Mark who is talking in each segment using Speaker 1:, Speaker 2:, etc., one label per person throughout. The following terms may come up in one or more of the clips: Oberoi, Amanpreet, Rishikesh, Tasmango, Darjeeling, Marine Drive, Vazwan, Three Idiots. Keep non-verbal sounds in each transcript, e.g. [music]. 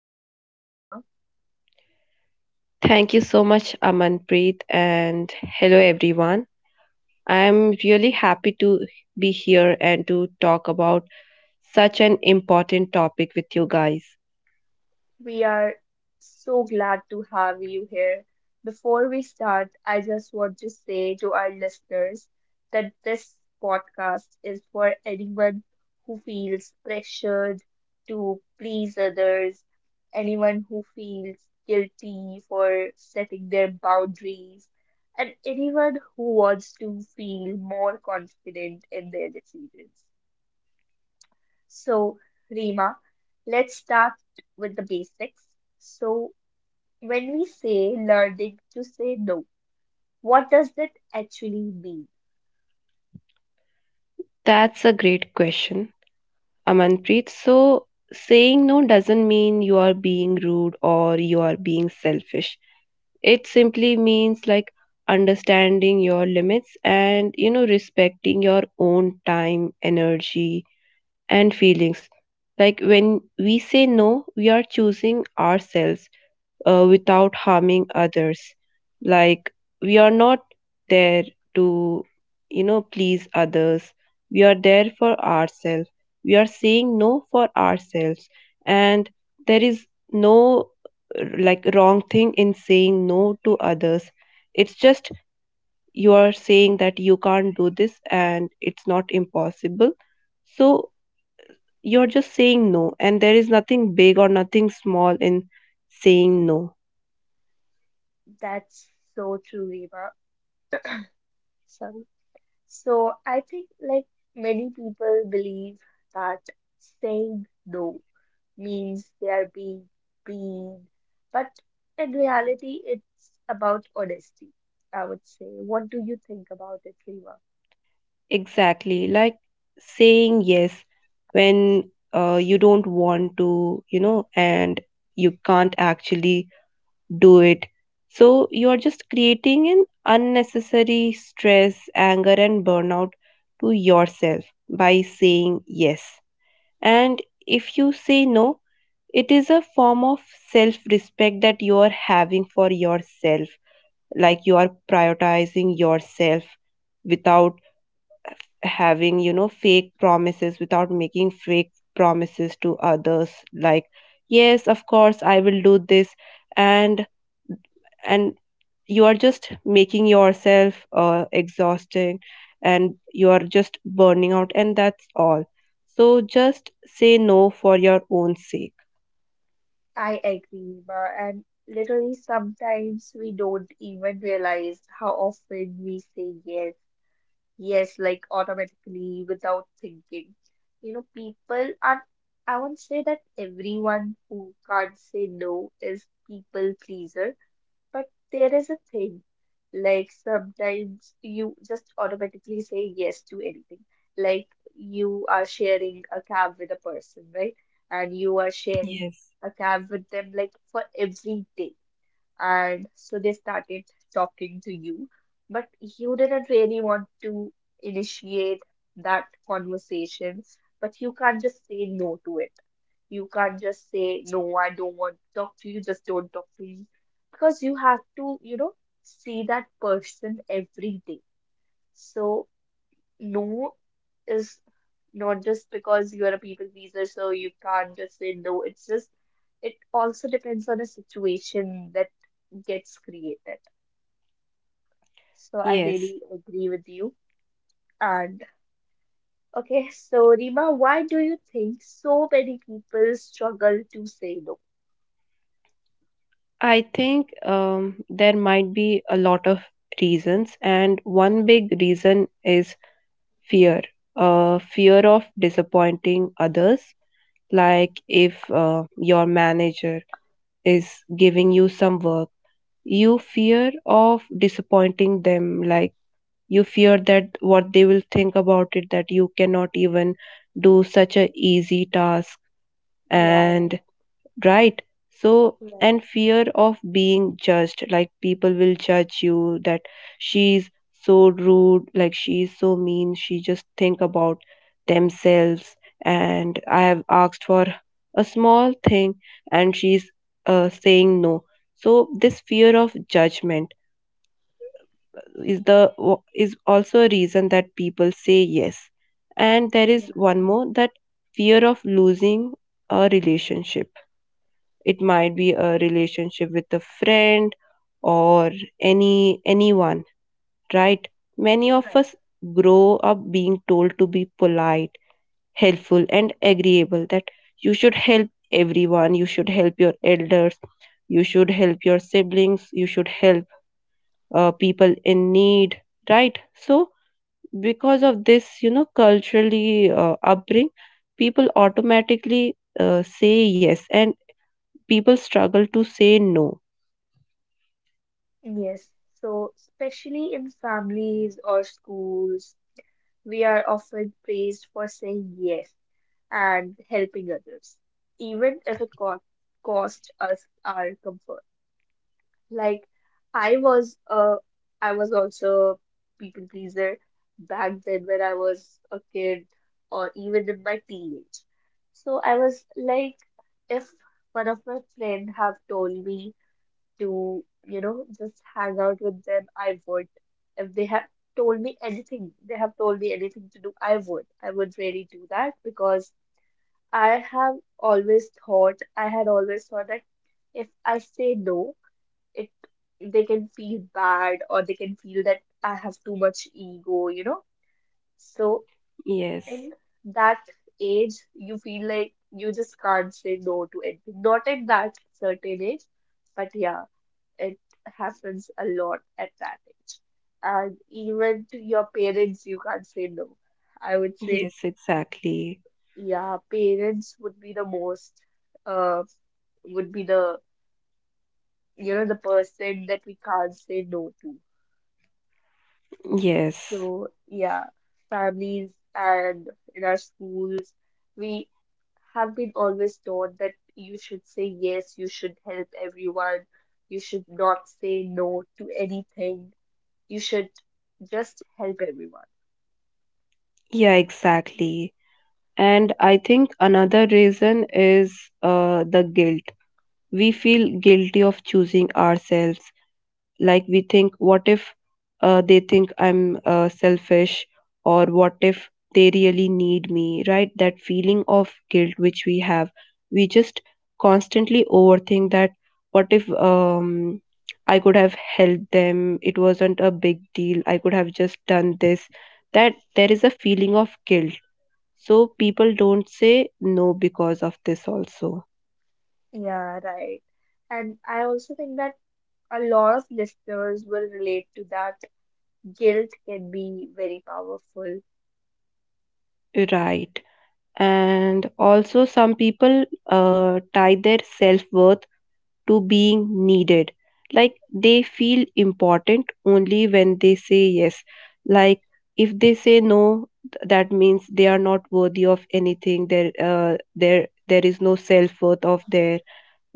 Speaker 1: podcast, Reema.
Speaker 2: Thank you so much, Amanpreet, and hello everyone. I'm really happy to be here and to talk about such an important topic with you guys.
Speaker 1: We are so glad to have you here. Before we start, I just want to say to our listeners that this podcast is for anyone who feels pressured to please others, anyone who feels guilty for setting their boundaries, and anyone who wants to feel more confident in their decisions. So, Rima, let's start with the basics. So, when we say learning to say no, what does that actually mean?
Speaker 2: That's a great question, Amanpreet. So, saying no doesn't mean you are being rude or you are being selfish. It simply means understanding your limits and respecting your own time, energy, and feelings. Like when we say no, we are choosing ourselves without harming others. Like we are not there to, please others. We are there for ourselves. We are saying no for ourselves. And there is no like wrong thing in saying no to others. It's just you are saying that you can't do this and it's not impossible. So you're just saying no, and there is nothing big or nothing small in saying no.
Speaker 1: That's so true, Reva. Sorry. So I think like many people believe that saying no means they are being mean, but in reality, it's about honesty, I would say. What do you think about it, Reva?
Speaker 2: Exactly, like saying yes when you don't want to, and you can't actually do it. So you're just creating an unnecessary stress, anger, and burnout to yourself by saying yes. And if you say no, it is a form of self respect that you are having for yourself, like you are prioritizing yourself without having you know fake promises without making fake promises to others, like, yes, of course I will do this. And and you are just making yourself exhausting and you are just burning out, and that's all. So just say no for your own sake.
Speaker 1: I agree, Reva, and literally sometimes we don't even realize how often we say yes. Yes, like automatically without thinking. You know, people are, I won't say that everyone who can't say no is people pleaser, but there is a thing. Like sometimes you just automatically say yes to anything. Like you are sharing a cab with a person, right? And you are sharing
Speaker 2: Yes.
Speaker 1: a cab with them like for every day, and so they started talking to you, but you didn't really want to initiate that conversation, but you can't just say no to it. You can't just say, no, I don't want to talk to you, just don't talk to me. Because you have to, you know, see that person every day. So, no is not just because you are a people pleaser, so you can't just say no. It's just, it also depends on a situation that gets created. So I
Speaker 2: Yes,
Speaker 1: really agree with you. And okay, so Rima, why do you think so many people struggle to say no?
Speaker 2: I think there might be a lot of reasons, and one big reason is fear. Fear of disappointing others, like if your manager is giving you some work, you fear of disappointing them, like you fear that what they will think about it, that you cannot even do such a easy task,
Speaker 1: Yeah, right,
Speaker 2: and right. So,
Speaker 1: right,
Speaker 2: and fear of being judged, like people will judge you that she's so rude, like she's so mean, she just think about themselves, and I have asked for a small thing and she's saying no. So this fear of judgment is also a reason that people say yes. And there is
Speaker 1: yeah,
Speaker 2: one more, that fear of losing a relationship. It might be a relationship with a friend or anyone, right? Many of
Speaker 1: right.
Speaker 2: us grow up being told to be polite, helpful and agreeable, that you should help everyone, you should help your elders, you should help your siblings, you should help people in need, right? So because of this, you know, culturally upbringing, people automatically say yes, and people struggle to say no.
Speaker 1: Yes. So especially in families or schools, we are often praised for saying yes and helping others, even if it co costs us our comfort. Like I was uh I was also a people pleaser back then when I was a kid or even in my teenage. So I was like if one of my friend have told me to, you know, just hang out with them, I would. If they have told me anything, they have told me anything to do, I would. I would really do that because I have always thought, I had always thought that if I say no, it they can feel bad or they can feel that I have too much ego. So
Speaker 2: Yes,
Speaker 1: in that age, you feel like you just can't say no to anything. Not at that certain age, but yeah, it happens a lot at that age. And even to your parents, you can't say no. I would say,
Speaker 2: yes, exactly.
Speaker 1: yeah, parents would be uh the person that we can't say no to.
Speaker 2: Yes,
Speaker 1: So, yeah, families and in our schools, we have been always taught that you should say yes, you should help everyone, you should not say no to anything, you should just help everyone.
Speaker 2: yeah, exactly. And I think another reason is the guilt. We feel guilty of choosing ourselves. Like we think, what if they think I'm selfish, or what if they really need me, right? That feeling of guilt which we have, we just constantly overthink that what if I could have helped them, it wasn't a big deal, I could have just done this. That there is a feeling of guilt. So people don't say no because of this, also.
Speaker 1: Yeah, right. And I also think that a lot of listeners will relate to that. Guilt can be very powerful.
Speaker 2: Right. And also some people tie their self-worth to being needed, like they feel important only when they say yes. Like if they say no, that means they are not worthy of anything, there, there is no self-worth of their,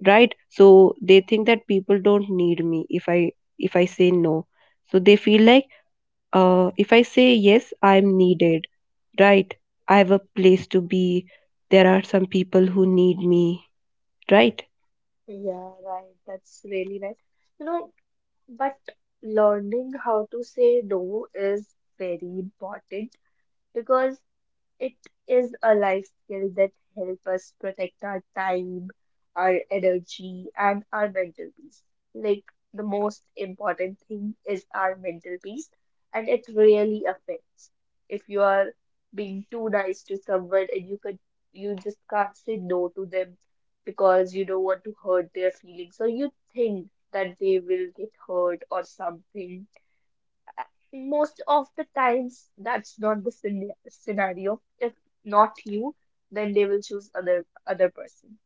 Speaker 2: right? So they think that people don't need me if I say no. So they feel like if I say yes, I'm needed, right? I have a place to be. There are some people who need me, right?
Speaker 1: Yeah, right. That's really right. You know, But learning how to say no is very important because it is a life skill that helps us protect our time, our energy, and our mental peace. Like the most important thing is our mental peace, and it really affects. If you are being too nice to someone and you just can't say no to them because you don't want to hurt their feelings, so you think that they will get hurt or something. Most of the times, that's not the scenario. If not you, then they will choose other person.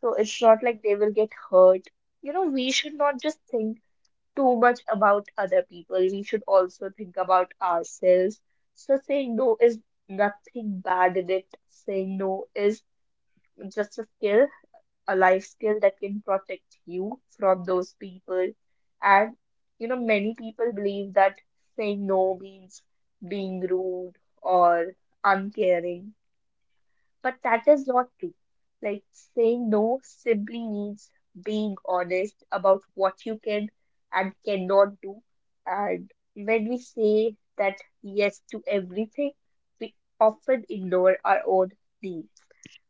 Speaker 1: So it's not like they will get hurt. We should not just think too much about other people. We should also think about ourselves. So saying no is nothing bad in it. Saying no is just a skill, a life skill that can protect you from those people. And many people believe that saying no means being rude or uncaring, but that is not true. Like saying no simply means being honest about what you can and cannot do. And when we say that yes to everything, we often ignore our own needs,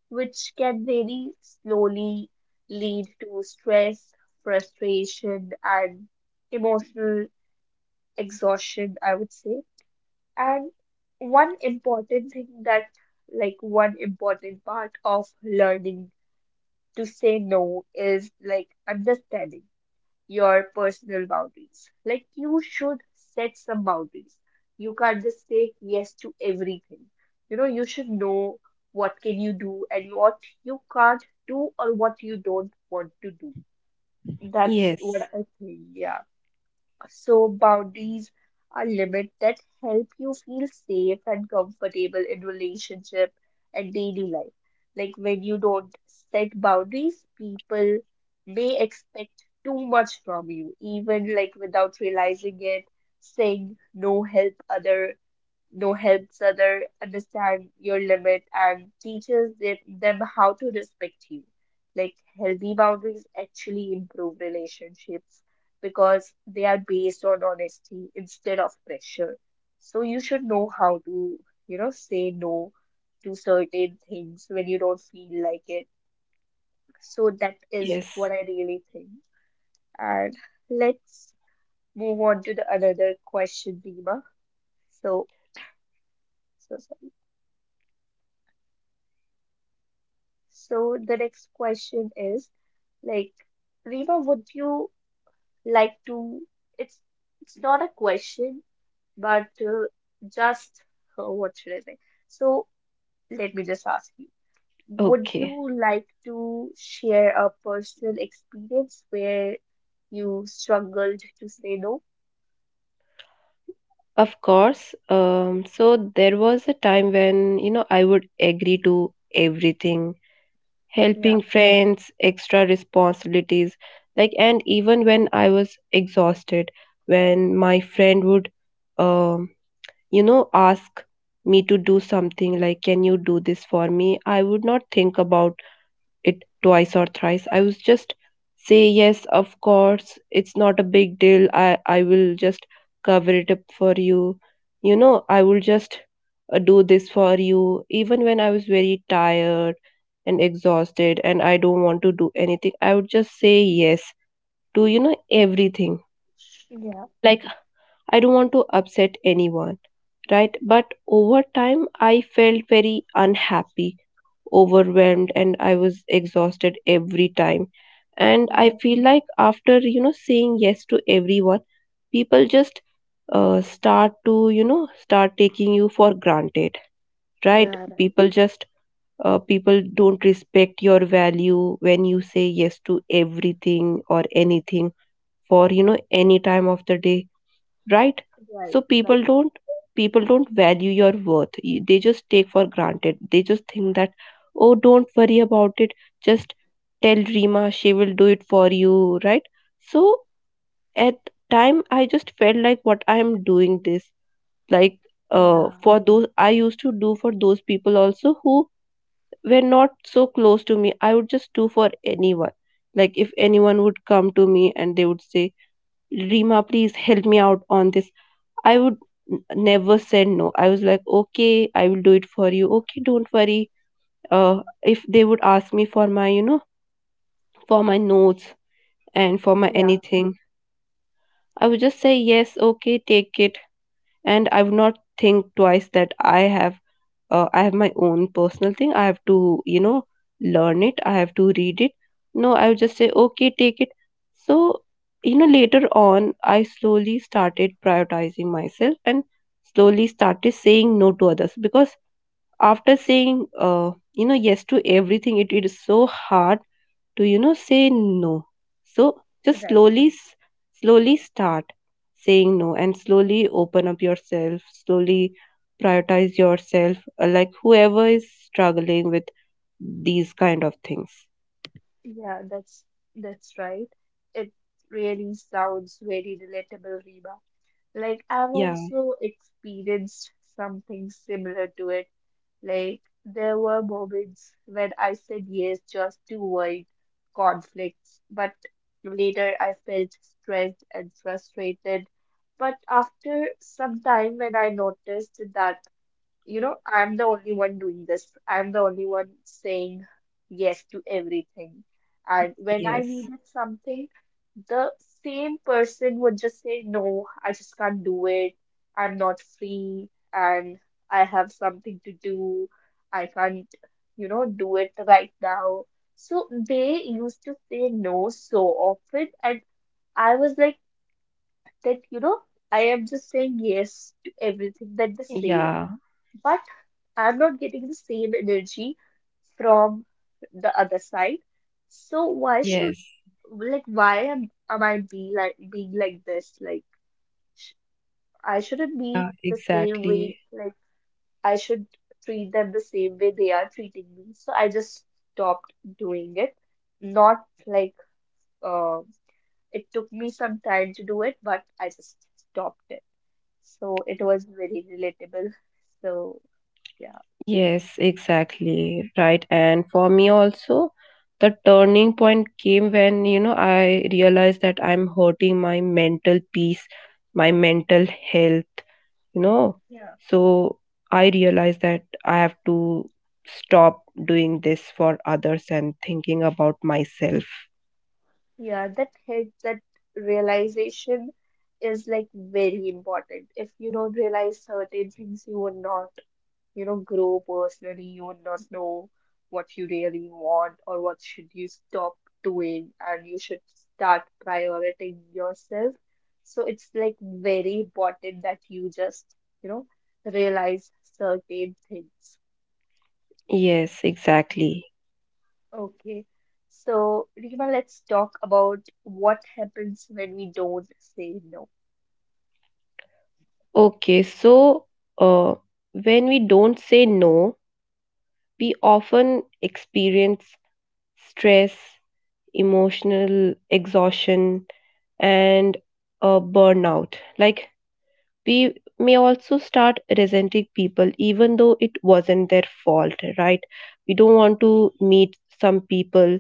Speaker 1: which can very slowly lead to stress, frustration, and emotional exhaustion, I would say. And one important thing that, like, one important part of learning to say no is like understanding your personal boundaries. Like you should set some boundaries. You can't just say yes to everything. You know, you should know what can you do and what you can't do or what you don't want to do. That's what
Speaker 2: Yes,
Speaker 1: I think. Yeah. So boundaries are limits that help you feel safe and comfortable in relationship and daily life. Like when you don't set boundaries, people may expect too much from you, even like without realizing it, saying no helps other understand your limit and teaches them how to respect you. Like healthy boundaries actually improve relationships because they are based on honesty instead of pressure. So you should know how to, say no to certain things when you don't feel like it. So that is
Speaker 2: yes.
Speaker 1: what I really think. And let's move on to the another question, Dima. So, so sorry. So the next question is like, Rima, would you like to? It's it's not a question, but just what should I say? So let me just ask you, would you
Speaker 2: Okay.
Speaker 1: like to share a personal experience where you struggled to say no?
Speaker 2: Of course. So there was a time when, you know, I would agree to everything,
Speaker 1: Yeah.
Speaker 2: helping friends, extra responsibilities, like, and even when I was exhausted, when my friend would, um, you know, ask me to do something, like, can you do this for me? I would not think about it twice or thrice. I was just say yes, of course. It's not a big deal. I will just cover it up for you. You know, I will just do this for you even when I was very tired and exhausted and I don't want to do anything. I would just say yes to, you know, everything.
Speaker 1: Yeah,
Speaker 2: Like I don't want to upset anyone, right? But over time I felt very unhappy, overwhelmed, and I was exhausted every time. And I
Speaker 1: yeah,
Speaker 2: feel like after, you know, saying yes to everyone, people just start to, you know, start taking you for granted, right?
Speaker 1: yeah, right,
Speaker 2: People don't respect your value when you say yes to everything or anything, for, you know, any time of the day, right?
Speaker 1: right,
Speaker 2: So
Speaker 1: right.
Speaker 2: people don't value your worth. They just take for granted, they just think that, oh, don't worry about it, just tell Rima, she will do it for you, right? So at time I just felt like what I am doing this, like,
Speaker 1: Yeah,
Speaker 2: for those, I used to do for those people also who were not so close to me. I would just do for anyone. Like if anyone would come to me and they would say, Rima, please help me out on this, I would never said no. I was like, okay, I will do it for you. Okay, don't worry. If they would ask me for my, you know, for my notes and for my
Speaker 1: yeah,
Speaker 2: anything, I would just say yes, okay, take it, and I would not think twice that I have I have my own personal thing, I have to, you know, learn it, I have to read it. No, I would just say okay, take it. So, you know, later on I slowly started prioritizing myself and slowly started saying no to others, because after saying you know, yes to everything, it is so hard to, you know, say no. So just
Speaker 1: right.
Speaker 2: slowly slowly start saying no and slowly open up yourself, slowly prioritize yourself, like whoever is struggling with these kind of things.
Speaker 1: Yeah, that's right. It really sounds very relatable, Reba. Like I've
Speaker 2: Yeah.
Speaker 1: also experienced something similar to it. Like there were moments when I said yes just to avoid conflicts, but later I felt stressed and frustrated. But after some time, when I noticed that I'm the only one doing this. I'm the only one saying yes to everything. And when I
Speaker 2: Yes.
Speaker 1: needed something, the same person would just say, No, I just can't do it. I'm not free and I have something to do. I can't, do it right now. So they used to say no so often. And I was like, that, I am just saying yes to everything that they say,
Speaker 2: Yeah.
Speaker 1: but I'm not getting the same energy from the other side. So why should
Speaker 2: Yes.
Speaker 1: like why am I be like being like this? Like sh I shouldn't
Speaker 2: Yeah,
Speaker 1: be the same
Speaker 2: exactly.
Speaker 1: way. Like I should treat them the same way they are treating me. So I just stopped doing it. Not like uh, it took me some time to do it, but I just stopped it. So it was very relatable. So
Speaker 2: Yes, exactly, right. And for me also, the turning point came when, you know, I realized that I'm hurting my mental peace, my mental health, you know.
Speaker 1: yeah.
Speaker 2: So I realize that I have to stop doing this for others and thinking about myself.
Speaker 1: Yeah, that realization is like very important. If you don't realize certain things, you will not, grow personally. You will not know what you really want or what should you stop doing, and you should start prioritizing yourself. So it's like very important that you just, you know, realize certain things.
Speaker 2: Yes, exactly.
Speaker 1: Okay. So, Rima, let's talk about what happens when we don't say no.
Speaker 2: Okay, so uh, when we don't say no, we often experience stress, emotional exhaustion, and burnout. Like we may also start resenting people even though it wasn't their fault, right? We don't want to meet some people,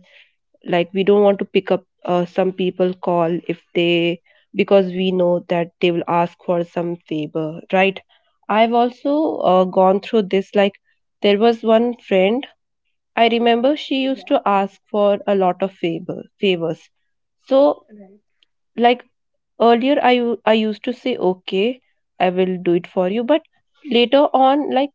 Speaker 2: like we don't want to pick up some people call, if they, because we know that they will ask for some favor, right? I've also gone through this. Like there was one friend, I remember, she used
Speaker 1: Yeah,
Speaker 2: to ask for a lot of favors. So,
Speaker 1: right.
Speaker 2: like, earlier, I used to say, "Okay, I will do it for you," but later on, like,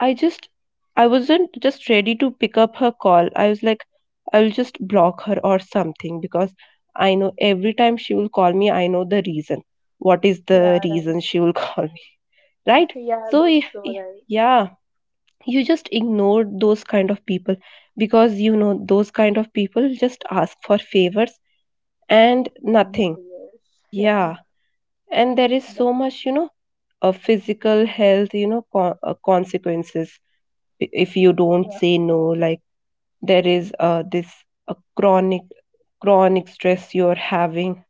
Speaker 2: I just I wasn't just ready to pick up her call. I was like, I will just block her or something, because I know every time she will call me, I know the reason. What is the
Speaker 1: Yeah, right.
Speaker 2: reason she will [laughs] call me, right?
Speaker 1: [laughs] Yeah,
Speaker 2: So
Speaker 1: that's so right.
Speaker 2: yeah, you just ignore those kind of people, because you know those kind of people just ask for favors and
Speaker 1: I'm not
Speaker 2: nothing.
Speaker 1: yes. Yeah,
Speaker 2: Yeah, and there is
Speaker 1: but-
Speaker 2: so much, you know, physical health, you know, consequences if you don't
Speaker 1: yeah,
Speaker 2: say no. Like there is this uh, chronic chronic stress you're having,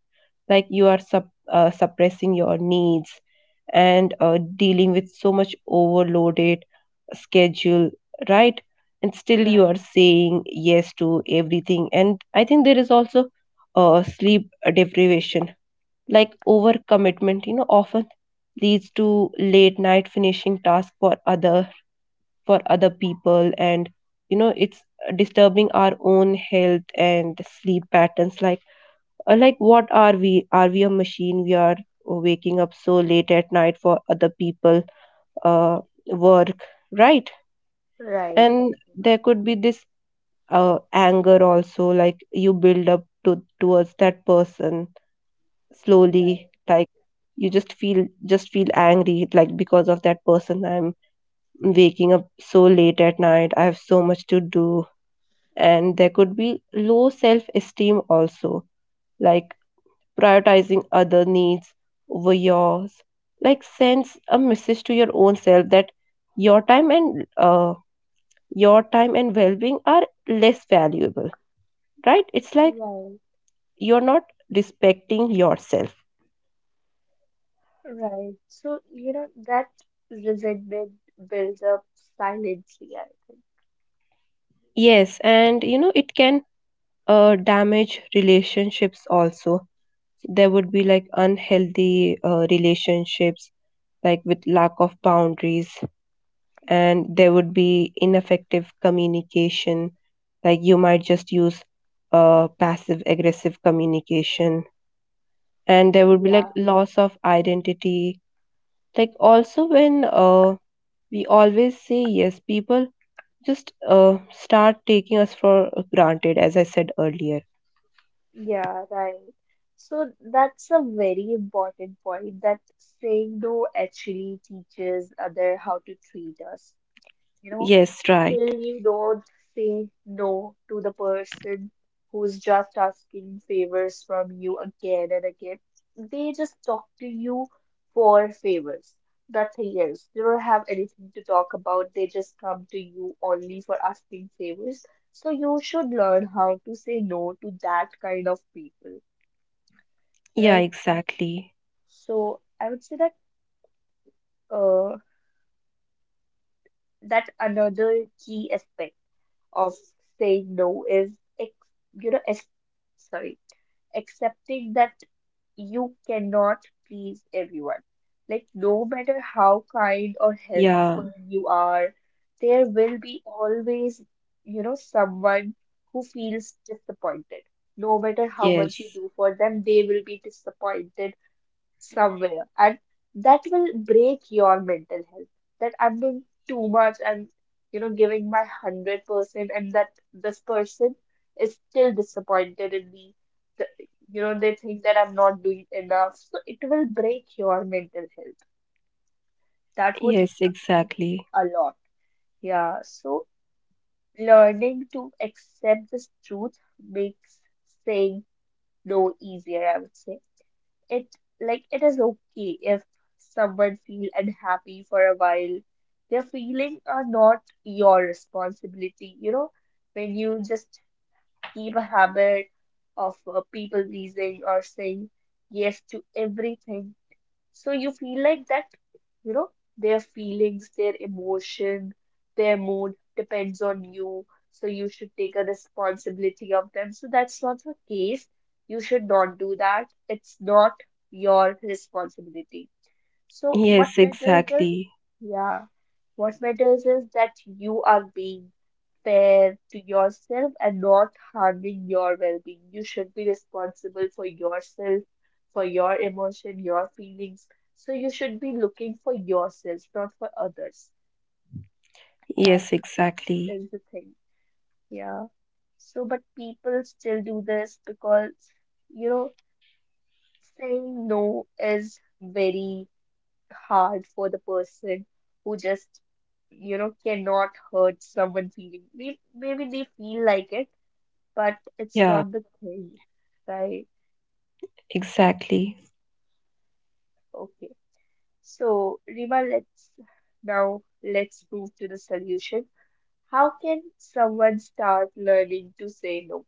Speaker 2: like you are suppressing your needs and dealing with so much overloaded schedule, right? And still you
Speaker 1: right,
Speaker 2: are saying yes to everything. And I think there is also sleep deprivation, like overcommitment, you know, often leads to late night finishing tasks for other people, and you know, it's disturbing our own health and sleep patterns. Like, like, what are we, are we a machine, we are waking up so late at night for other people uh, work, right?
Speaker 1: right,
Speaker 2: And
Speaker 1: right,
Speaker 2: there could be this anger also, like you build up to towards that person
Speaker 1: know,
Speaker 2: slowly, like you just feel angry, like because of that person I'm waking up so late at night, I have so much to do. And there could be low self esteem also, like prioritizing other needs over yours, like sends a message to your own self that your time and uh, your time and well-being are less valuable, right? It's like
Speaker 1: right,
Speaker 2: you're not respecting yourself.
Speaker 1: right, right. So, that resentment builds up silently, I think.
Speaker 2: Yes, and you know it can damage relationships also. So, there would be like unhealthy relationships, like with lack of boundaries, and there would be ineffective communication. Like you might just use passive aggressive communication, and there would be like
Speaker 1: Yeah,
Speaker 2: loss of identity. Like also when we always say yes, people just start taking us for granted, as I said earlier.
Speaker 1: yeah, right. So that's a very important point that saying no actually teaches other how to treat us. You know,
Speaker 2: Yes, right.
Speaker 1: till you don't say no to the person who's just asking favors from you again and again. They just talk to you for favors, nothing else. They don't have anything to talk about, they just come to you only for asking favors. So you should learn how to say no to that kind of people,
Speaker 2: Yeah,
Speaker 1: right?
Speaker 2: exactly.
Speaker 1: So I would say that uh, that another key aspect. Of saying no is ex- you know ex- sorry accepting that you cannot please everyone. Like no matter how kind or
Speaker 2: Yeah,
Speaker 1: helpful you are, there will be always someone who feels disappointed. No matter how much you
Speaker 2: yes.
Speaker 1: do for them, they will be disappointed somewhere, and that will break your mental health. That I'm doing too much, and giving my 100% and that this person is still disappointed in me. the, they think that I'm not doing enough, so it will break your mental health. That would
Speaker 2: Yes,
Speaker 1: happen
Speaker 2: exactly.
Speaker 1: a lot. Yeah, so learning to accept this truth makes saying no easier, I would say. It, like, it is okay if someone feel unhappy for a while. Their feelings are not your responsibility. When you just keep a habit of people pleasing or saying yes to everything, so you feel like that, you know, their feelings, their emotion, their mood depends on you. So you should take a responsibility of them. So that's not the case. You should not do that. It's not your responsibility. So what
Speaker 2: Yes,
Speaker 1: matters is,
Speaker 2: exactly.
Speaker 1: yeah, what matters is that you are being fair to yourself and not harming your well-being. You should be responsible for yourself, for your emotion, your feelings. So you should be looking for yourself, not for others. That
Speaker 2: Yes, exactly.
Speaker 1: is the thing. Yeah. So, but people still do this because, you know, saying no is very hard for the person who just, cannot hurt someone feeling. Maybe they feel like it, but it's
Speaker 2: Yeah,
Speaker 1: not the thing, right?
Speaker 2: exactly.
Speaker 1: Okay. So, Rima, let's move to the solution. How can someone start learning to say no?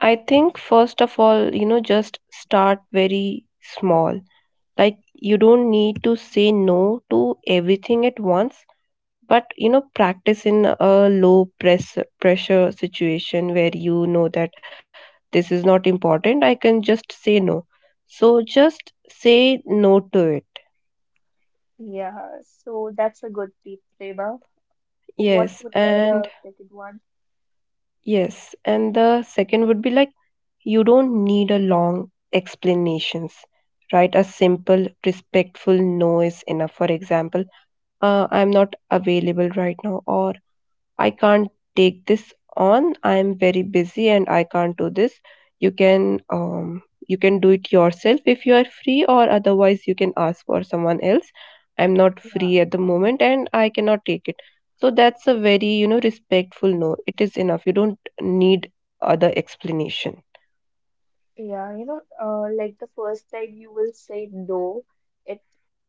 Speaker 2: I think, first of all, you know, just start very small. Like, you don't need to say no to everything at once, but, you know, practice in a low pressure situation where you know that this is not important. I can just say no. So, just say no to it.
Speaker 1: Yeah, so that's a good tip, Rima. What
Speaker 2: Yes,
Speaker 1: would be
Speaker 2: and
Speaker 1: the second one?
Speaker 2: yes, and the second would be like, you don't need a long explanations, right? A simple, respectful no is enough. For example, I'm not available right now, or I can't take this on. I am very busy and I can't do this. You can um you can do it yourself if you are free, or otherwise you can ask for someone else. I'm not
Speaker 1: Yeah.
Speaker 2: free at the moment and I cannot take it. So that's a very, you know, respectful no. It is enough. You don't need other explanation.
Speaker 1: Yeah, like the first time you will say no, it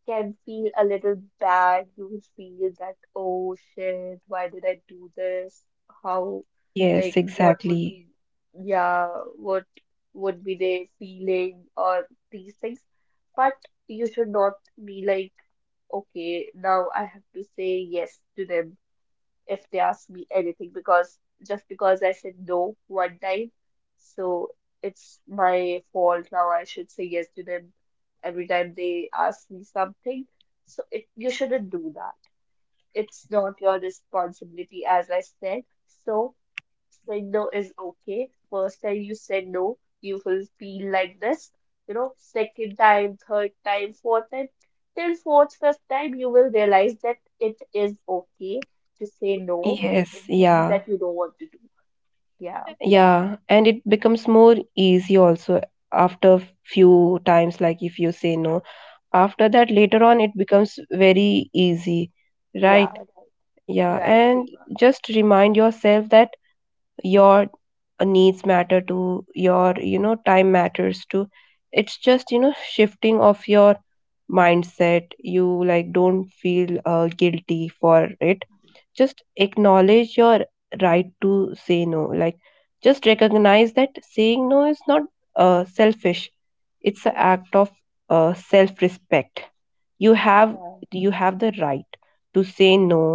Speaker 1: can feel a little bad. You will feel that, oh shit, why did I do this? How,
Speaker 2: Yes,
Speaker 1: like, what would
Speaker 2: exactly.
Speaker 1: be, yeah, what would be their feeling or these things. But you should not be like, okay, now I have to say yes to them if they ask me anything, because just because I said no one time, so it's my fault now. I should say yes to them every time they ask me something. So it, you shouldn't do that. It's not your responsibility, as I said. So saying no is okay. First time you say no, you will feel like this. You know, second time, third time, fourth time, till fourth, fifth time, you will realize that it is okay to say no
Speaker 2: Yes,
Speaker 1: in things
Speaker 2: yeah,
Speaker 1: that you don't want to do. Yeah,
Speaker 2: yeah, and it becomes more easy also after few times. Like if you say no, after that later on it becomes very easy,
Speaker 1: yeah,
Speaker 2: right?
Speaker 1: right,
Speaker 2: Yeah,
Speaker 1: right,
Speaker 2: and
Speaker 1: Seema.
Speaker 2: just remind yourself that your needs matter to your, you know, time matters to, it's just, you know, shifting of your mindset. You like don't feel guilty for it. Just acknowledge your right to say no, like just recognize that saying no is not selfish. It's an
Speaker 1: Yeah,
Speaker 2: act of self respect. you have
Speaker 1: yeah,
Speaker 2: you have the right to say no,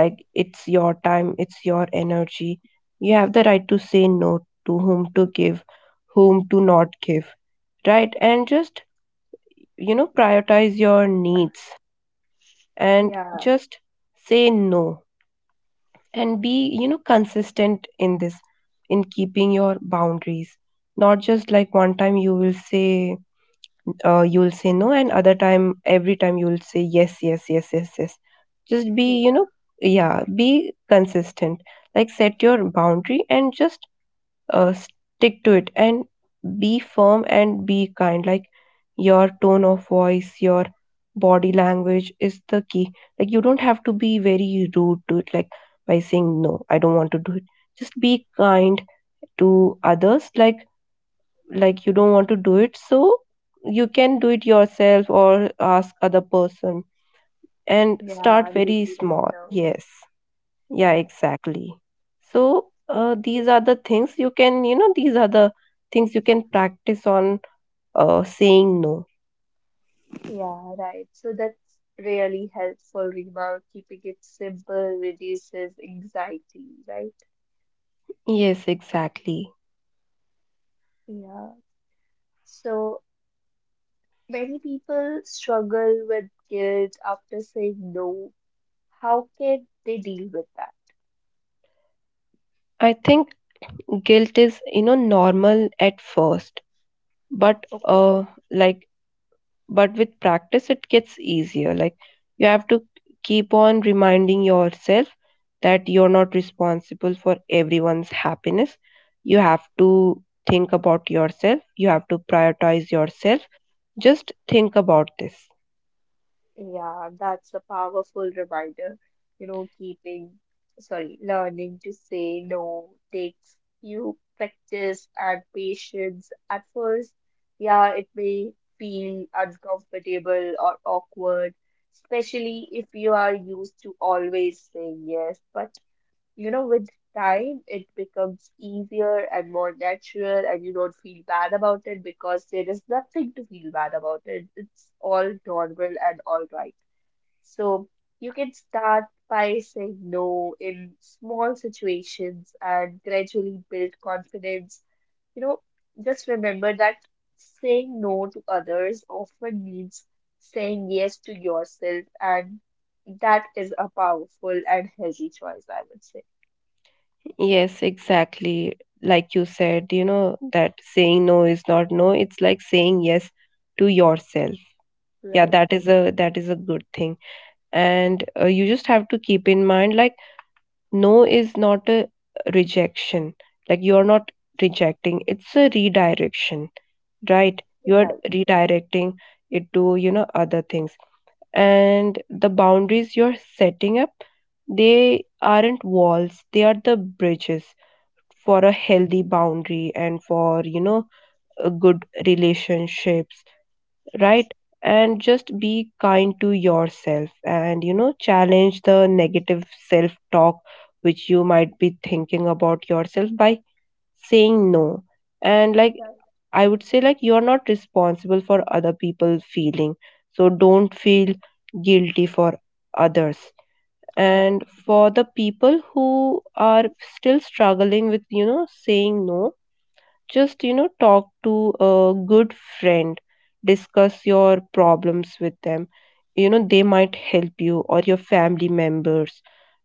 Speaker 2: like it's your time, it's your energy. You have the right to say no, to whom to give, whom to not give, right? And just, you know, prioritize your needs and
Speaker 1: yeah,
Speaker 2: just say no and be, you know, consistent in this, in keeping your boundaries. Not just like one time you will say, you will say no, and other time, every time you will say yes, yes, yes, yes, yes. Just be, you
Speaker 1: yeah,
Speaker 2: know, yeah, be consistent. Like set your boundary and just stick to it, and be firm and be kind. Like your tone of voice, your body language is the key. Like you don't have to be very rude to it, like by saying no, I don't want to do it. Just be kind to others, like you don't want to do it, so you can do it yourself or ask other person, and
Speaker 1: yeah,
Speaker 2: start
Speaker 1: I'm
Speaker 2: very
Speaker 1: busy right
Speaker 2: small.
Speaker 1: now.
Speaker 2: Yes, yeah,
Speaker 1: Right.
Speaker 2: exactly. So
Speaker 1: So-
Speaker 2: these are the things you can, practice on, saying no.
Speaker 1: Yeah, right. So that's really helpful, Rima. Keeping it simple reduces anxiety, right?
Speaker 2: Yes, exactly.
Speaker 1: Yeah. So many people struggle with guilt after saying no. How can they deal with that?
Speaker 2: I think guilt is, you know, normal at first, but
Speaker 1: Okay.
Speaker 2: uh, like, but with practice, it gets easier. Like, you have to keep on reminding yourself that you're not responsible for everyone's happiness. You have to think about yourself. You have to prioritize yourself. Just think about this.
Speaker 1: Yeah, that's a powerful reminder. You know, keeping, learning to say no takes you practice and patience. At first, yeah, it may feel uncomfortable or awkward, especially if you are used to always saying yes. But with time, it becomes easier and more natural, and you don't feel bad about it because there is nothing to feel bad about it. It's all normal and all right. So you can start by saying no in small situations and gradually build confidence. You know, just remember that saying no to others often means saying yes to yourself, and that is a powerful and healthy choice, I would say.
Speaker 2: Yes, exactly. Like you said, you know, that saying no is not no. It's like saying yes to yourself. Yeah,
Speaker 1: Right,
Speaker 2: that is a good thing. And you just have to keep in mind, like, no is not a rejection. Like you are not rejecting. It's a redirection, right? You are
Speaker 1: right,
Speaker 2: redirecting it to, you know, other things. And the boundaries you're setting up, they aren't walls, they are the bridges for a healthy boundary and for, you know, a good relationships, right? And just be kind to yourself, and, you know, challenge the negative self talk which you might be thinking about yourself by saying no. And like,
Speaker 1: right,
Speaker 2: I would say, like, you're not responsible for other people's feeling. So don't feel guilty for others.
Speaker 1: right,
Speaker 2: And for the people who are still struggling with, you know, saying no, just, you know, talk to a good friend, discuss your problems with them. You know, they might help you, or your family members,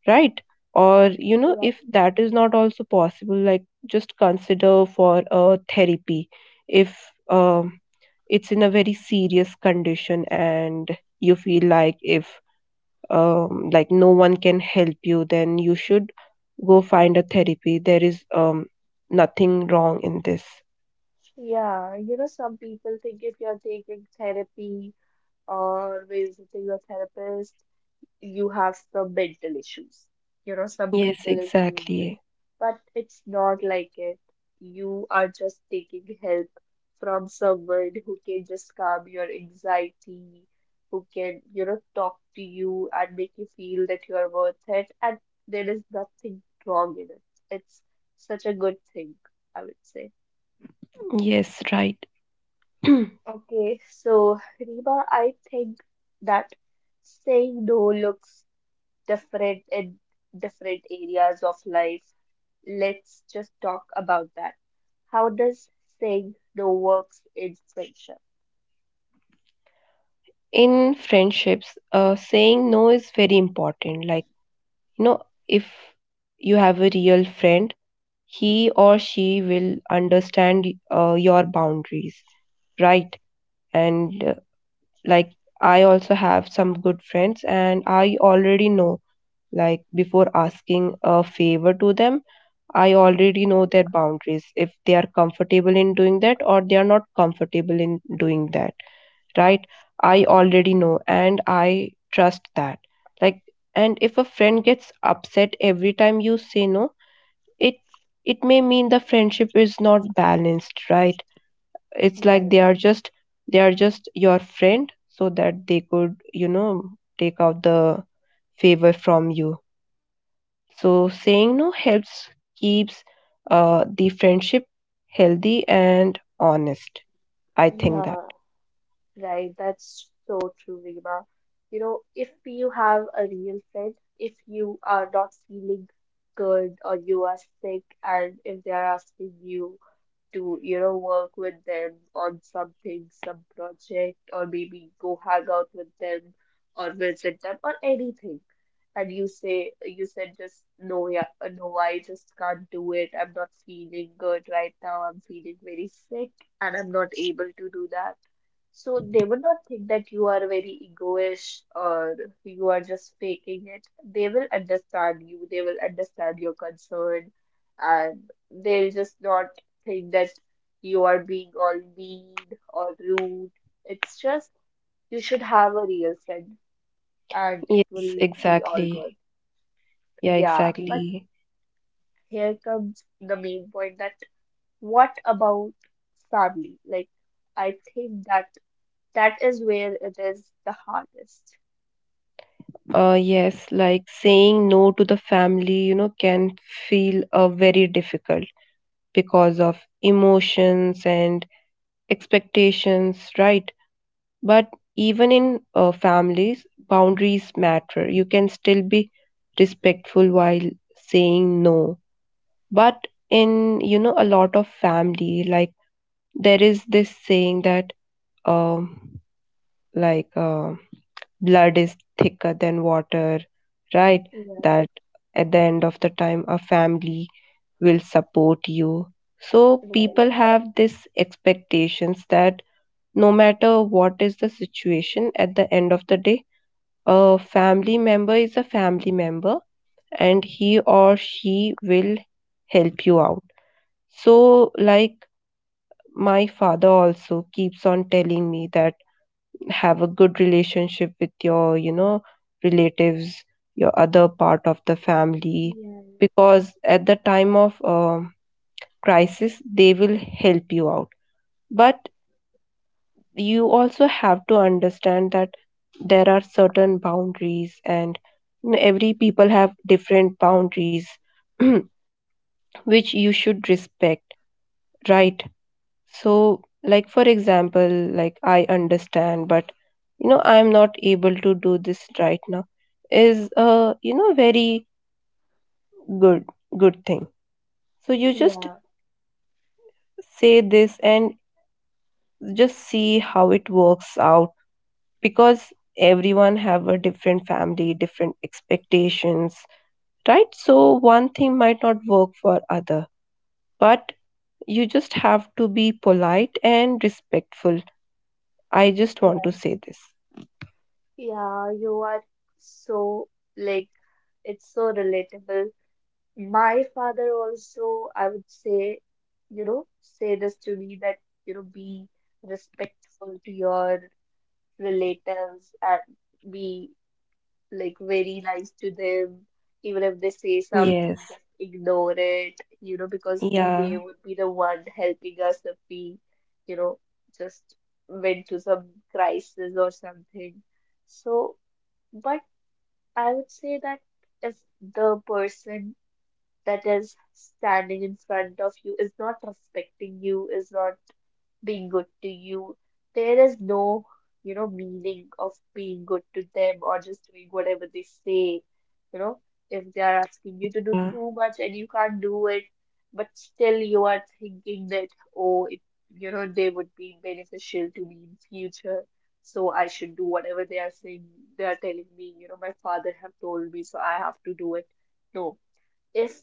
Speaker 2: right? Or, you know,
Speaker 1: right.
Speaker 2: if that is not also possible, like, just consider for a therapy. If um, it's in a very serious condition and you feel like if, like, no one can help you, then you should go find a therapy. There is nothing wrong in this.
Speaker 1: Yeah, some people think if you're taking therapy or visiting a therapist, you have some mental issues. You know, some
Speaker 2: Yes,
Speaker 1: people assume this,
Speaker 2: exactly.
Speaker 1: but it's not like it. You are just taking help from someone who can just calm your anxiety, who can, talk to you and make you feel that you are worth it. And there is nothing wrong in it. It's such a good thing, I would say.
Speaker 2: Yes, right. [clears throat]
Speaker 1: Okay, so Rima, I think that saying no looks different in different areas of life. Let's just talk about that. How does saying no works in friendship?
Speaker 2: In friendships, saying no is very important. Like, you know, if you have a real friend, he or she will understand your boundaries, right? And like, I also have some good friends, and I already know, like, before asking a favor to them, I already know their boundaries, if they are comfortable in doing that or they are not comfortable in doing that, right? I already know and I trust that. Like, and if a friend gets upset every time you say no, it it may mean the friendship is not balanced, right? It's like
Speaker 1: Right.
Speaker 2: they are just, they are just your friend so that they could, you know, take out the favor from you. So saying no helps keeps the friendship healthy and honest. I think that.
Speaker 1: Yeah, right. That's so true, Reema. You know, if you have a real friend, if you are not feeling good or you are sick, and if they are asking you to, work with them on something, some project, or maybe go hang out with them or visit them or anything, and you said just no. Yeah, no, I just can't do it. I'm not feeling good right now. I'm feeling very sick and I'm not able to do that. So they would not think that you are very egoish or you are just faking it. They will understand you. They will understand your concern, and they'll just not think that you are being all mean or rude. It's just you should have a real friend, and it
Speaker 2: Yes,
Speaker 1: will be all
Speaker 2: exactly.
Speaker 1: good.
Speaker 2: Yeah,
Speaker 1: Yeah, but
Speaker 2: exactly.
Speaker 1: here comes the main point that what about family? Like, I think that that is where it is the hardest.
Speaker 2: Yes, like saying no to the family, you know, can feel very difficult because of emotions and expectations, right? But even in families, boundaries matter. You can still be respectful while saying no. But in, you know, a lot of family, like, there is this saying that, um, like, um blood is thicker than water, right?
Speaker 1: Yeah,
Speaker 2: That at the end of the time, a family will support you. So,
Speaker 1: right.
Speaker 2: people have this expectations that no matter what is the situation at the end of the day, a family member is a family member and he or she will help you out. So, like, my father also keeps on telling me that have a good relationship with your, you know, relatives, your other part of the family,
Speaker 1: Yeah,
Speaker 2: because at the time of crisis they will help you out. But you also have to understand that there are certain boundaries and, you know, every people have different boundaries [clears throat] which you should respect, right? So, like, for example, like, I understand, but, you know, I am not able to do this right now, is a, you know, very good good thing. So you just
Speaker 1: yeah,
Speaker 2: say this and just see how it works out, because everyone have a different family, different expectations, right? So one thing might not work for other, but you just have to be polite and respectful. I just want to
Speaker 1: yeah.
Speaker 2: say this.
Speaker 1: Yeah, you are so, like, it's so relatable. My father also, I would say, say this to me that, be respectful to your relatives and be, like, very nice to them. Even if they say
Speaker 2: Yes.
Speaker 1: something, just ignore it, you know, because
Speaker 2: Yeah,
Speaker 1: they would be the one helping us if we, you know, just went to some crisis or something. So, but I would say that if the person that is standing in front of you is not respecting you, is not being good to you, there is no, meaning of being good to them or just doing whatever they say. You know, if they are asking you to do
Speaker 2: yeah,
Speaker 1: too much and you can't do it, but still you are thinking that, oh, it, they would be beneficial to me in future. So I should do whatever they are saying, they are telling me. You know, my father have told me, so I have to do it. No. If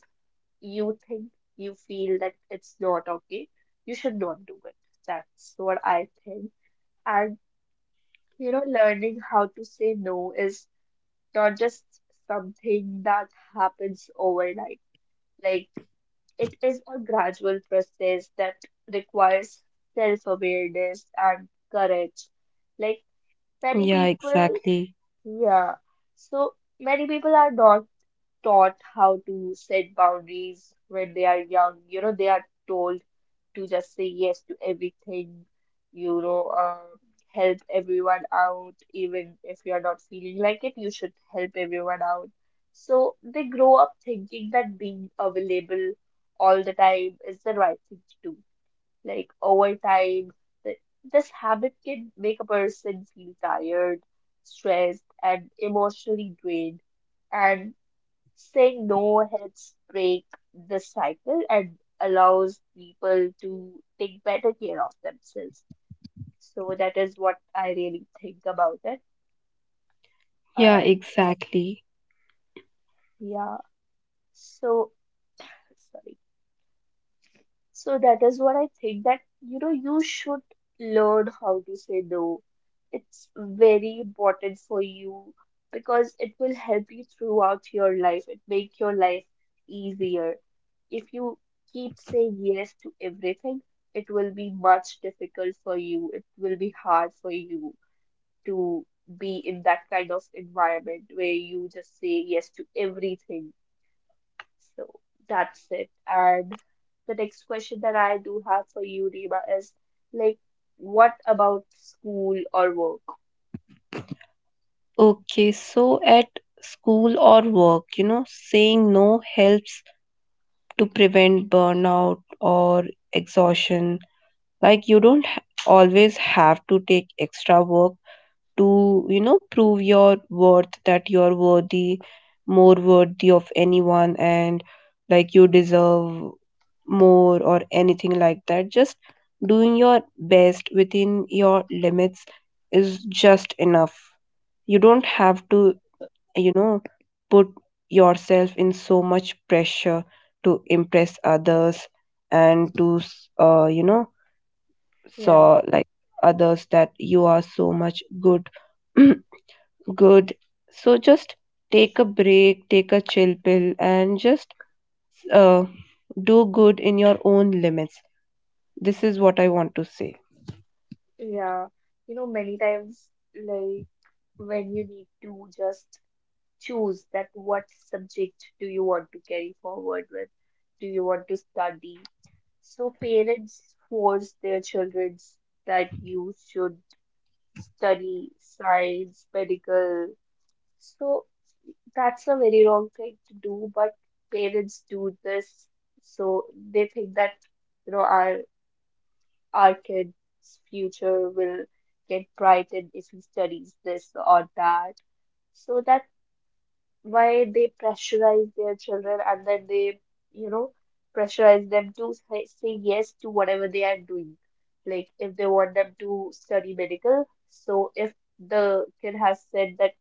Speaker 1: you think, you feel that it's not okay, you should not do it. That's what I think. And learning how to say no is not just something that happens overnight. Like, it is a gradual process that requires self-awareness and courage. Like, many
Speaker 2: yeah,
Speaker 1: people,
Speaker 2: exactly.
Speaker 1: yeah. So many people are not taught how to set boundaries when they are young. You know, they are told to just say yes to everything, you know, um, help everyone out, even if you're not feeling like it, you should help everyone out. So they grow up thinking that being available all the time is the right thing to do. Like, over time, th- this habit can make a person feel tired, stressed, and emotionally drained. And saying no helps break the cycle and allows people to take better care of themselves. So that is what I really think about it.
Speaker 2: Yeah,
Speaker 1: And
Speaker 2: exactly.
Speaker 1: yeah, so sorry. So that is what I think, that you should learn how to say no. It's very important for you because it will help you throughout your life. It make your life easier. If you keep saying yes to everything, it will be much difficult for you. It will be hard for you to be in that kind of environment where you just say yes to everything. So that's it. And the next question that I do have for you, Rima, is like, what about school or work?
Speaker 2: Okay, so at school or work, you know, saying no helps to prevent burnout or exhaustion. Like, you don't always have to take extra work to, you know, prove your worth, that you're worthy more worthy of anyone and like you deserve more or anything like that. Just doing your best within your limits is just enough. You don't have to, you know, put yourself in so much pressure to impress others, and to saw
Speaker 1: Yeah.
Speaker 2: like others that you are so much good. [clears throat] Good. So just take a break, take a chill pill, and just uh, do good in your own limits. This is what I want to say.
Speaker 1: Yeah, many times, like, when you need to just choose that what subject do you want to carry forward with, do you want to study? So parents force their children that you should study science, medical. So that's a very wrong thing to do, but parents do this, so they think that, you know, our our kid's future will get brightened if he studies this or that. So that why they pressurize their children, and then they, you know, pressurize them to say, say yes to whatever they are doing. Like if they want them to study medical, so if the kid has said that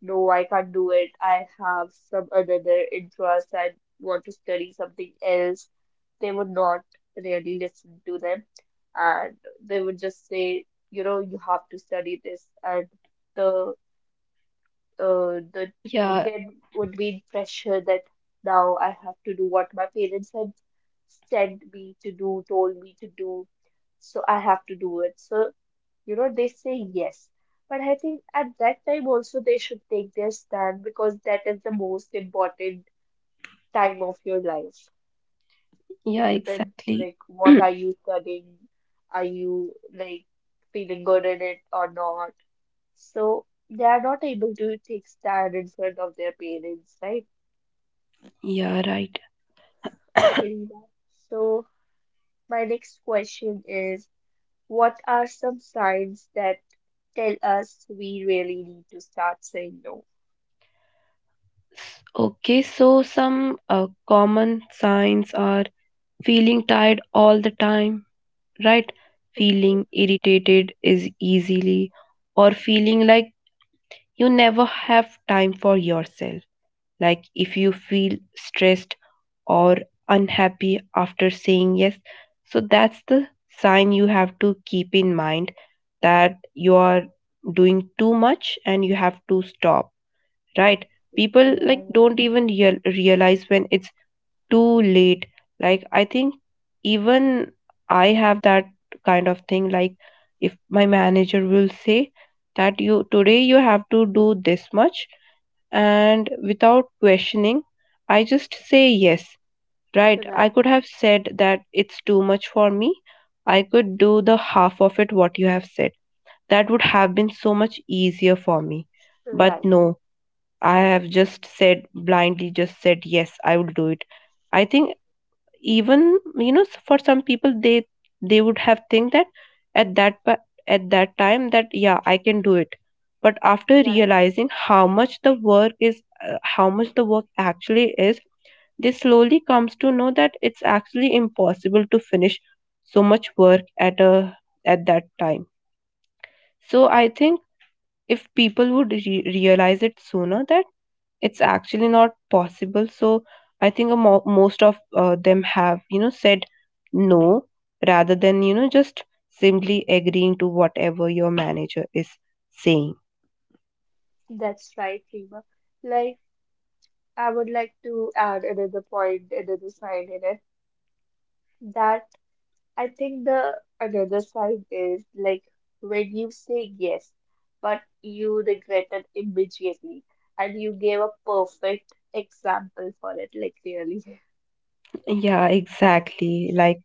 Speaker 1: no, I can't do it, I have some another interest, I want to study something else, they would not really listen to them, and they would just say, you have to study this, and the the
Speaker 2: Yeah,
Speaker 1: kid would be in pressure that now I have to do what my parents had sent me to do, told me to do, so I have to do it. So, they say yes. But I think at that time also they should take their stand because that is the most important time of your life.
Speaker 2: yeah,
Speaker 1: It depends,
Speaker 2: exactly.
Speaker 1: like, what are you studying? Are you, like, feeling good in it or not? So they are not able to take stand in front of their parents, right?
Speaker 2: [clears throat] Yeah, right. [coughs]
Speaker 1: Okay, Rima. So my next question is, what are some signs that tell us we really need to start saying no?
Speaker 2: Okay, so some common signs are feeling tired all the time, right? Feeling
Speaker 1: Okay,
Speaker 2: irritated is easily, or feeling like you never have time for yourself. Like if you feel stressed or unhappy after saying yes, so that's the sign you have to keep in mind, that you are doing too much and you have to stop, right? People
Speaker 1: yeah,
Speaker 2: like
Speaker 1: right,
Speaker 2: don't even realize when it's too late. Like, I think even I have that kind of thing. Like, if my manager will say that you today you have to do this much, and without questioning, I just say yes, right? I
Speaker 1: right,
Speaker 2: could have said that it's too much for me. I could do the half of it what you have said. That would have been so much easier for me. But
Speaker 1: right,
Speaker 2: no, I have just said blindly, just said yes, I will do it. I think even, you know, for some people they would have think that at that pa- at that time that yeah, I can do it. But after
Speaker 1: right.
Speaker 2: realizing how much the work is, how much the work actually is, they slowly comes to know that it's actually impossible to finish so much work at a at that time. So I think if people would realize it sooner that it's actually not possible, so I think most of them have, you know, said no, rather than, you know, just simply agreeing to whatever your manager is saying.
Speaker 1: That's right, Rima. Like I would like to add another point, another sign in it that I think the another side is like when you say yes, but you regret it immediately, and you gave a perfect example for it, like really.
Speaker 2: Yeah, exactly. Like,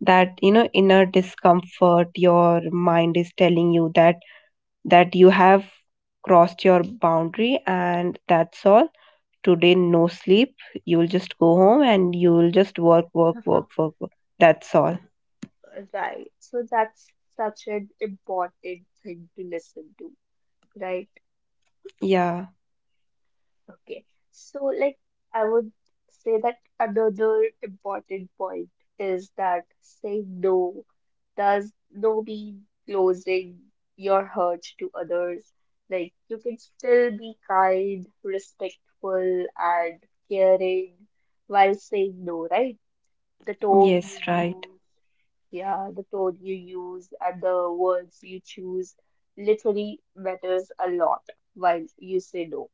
Speaker 2: that, you know, inner discomfort, your mind is telling you that you have crossed your boundary, and that's all. Today no sleep. You'll just go home and you'll just work work work
Speaker 1: [laughs]
Speaker 2: work work. That's all.
Speaker 1: Right. So that's such an important thing to listen to, right?
Speaker 2: Yeah.
Speaker 1: Okay. So, like, I would say that another important point is that saying no does no mean closing your heart to others. Like, you can still be kind, respectful, and caring while saying no, right? The tone you
Speaker 2: Yes, right.
Speaker 1: use, yeah, the tone you use and the words you choose literally matters a lot while you say no.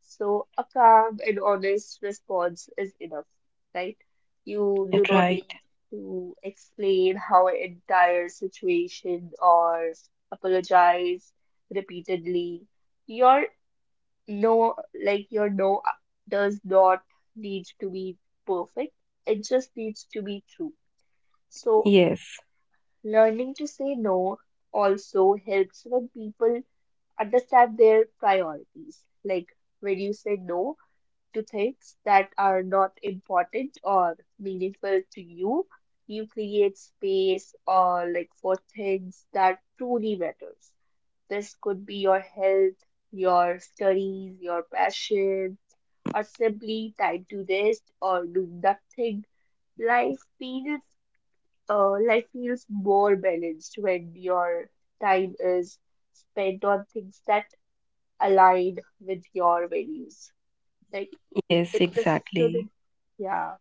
Speaker 1: So a calm and honest response is enough, right? You do not
Speaker 2: Right.
Speaker 1: need to explain how an entire situation or apologize repeatedly. Your no, like your no does not need to be perfect. It just needs to be true. So
Speaker 2: Yes.
Speaker 1: learning to say no also helps when people understand their priorities. Like when you say no, to things that are not important or meaningful to you. You create space or like for things that truly matters. This could be your health, your studies, your passion, or simply time to rest or do nothing. Life feels life feels more balanced when your time is spent on things that align with your values. Like
Speaker 2: Yes,
Speaker 1: it just
Speaker 2: exactly.
Speaker 1: shouldn't yeah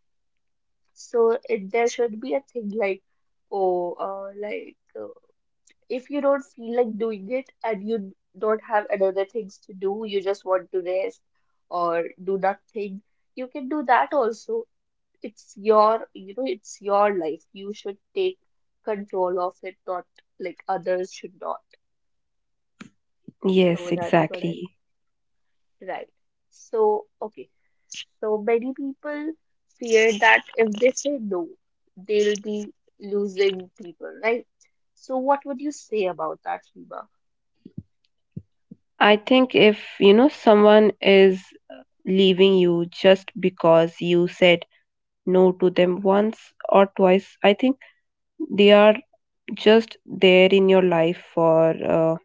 Speaker 1: so it there should be a thing like oh, like, if you don't feel like doing it and you don't have another things to do you just want to rest or do nothing you can do that also it's your you know it's your life you should take control of it not like others should not so
Speaker 2: Yes,
Speaker 1: that's what I
Speaker 2: exactly.
Speaker 1: right so okay. So many people fear that if they say no, they'll be losing people, right? So what would you say about that, Sheba?
Speaker 2: I think if, you know, someone is leaving you just because you said no to them once or twice, I think they are just there in your life for,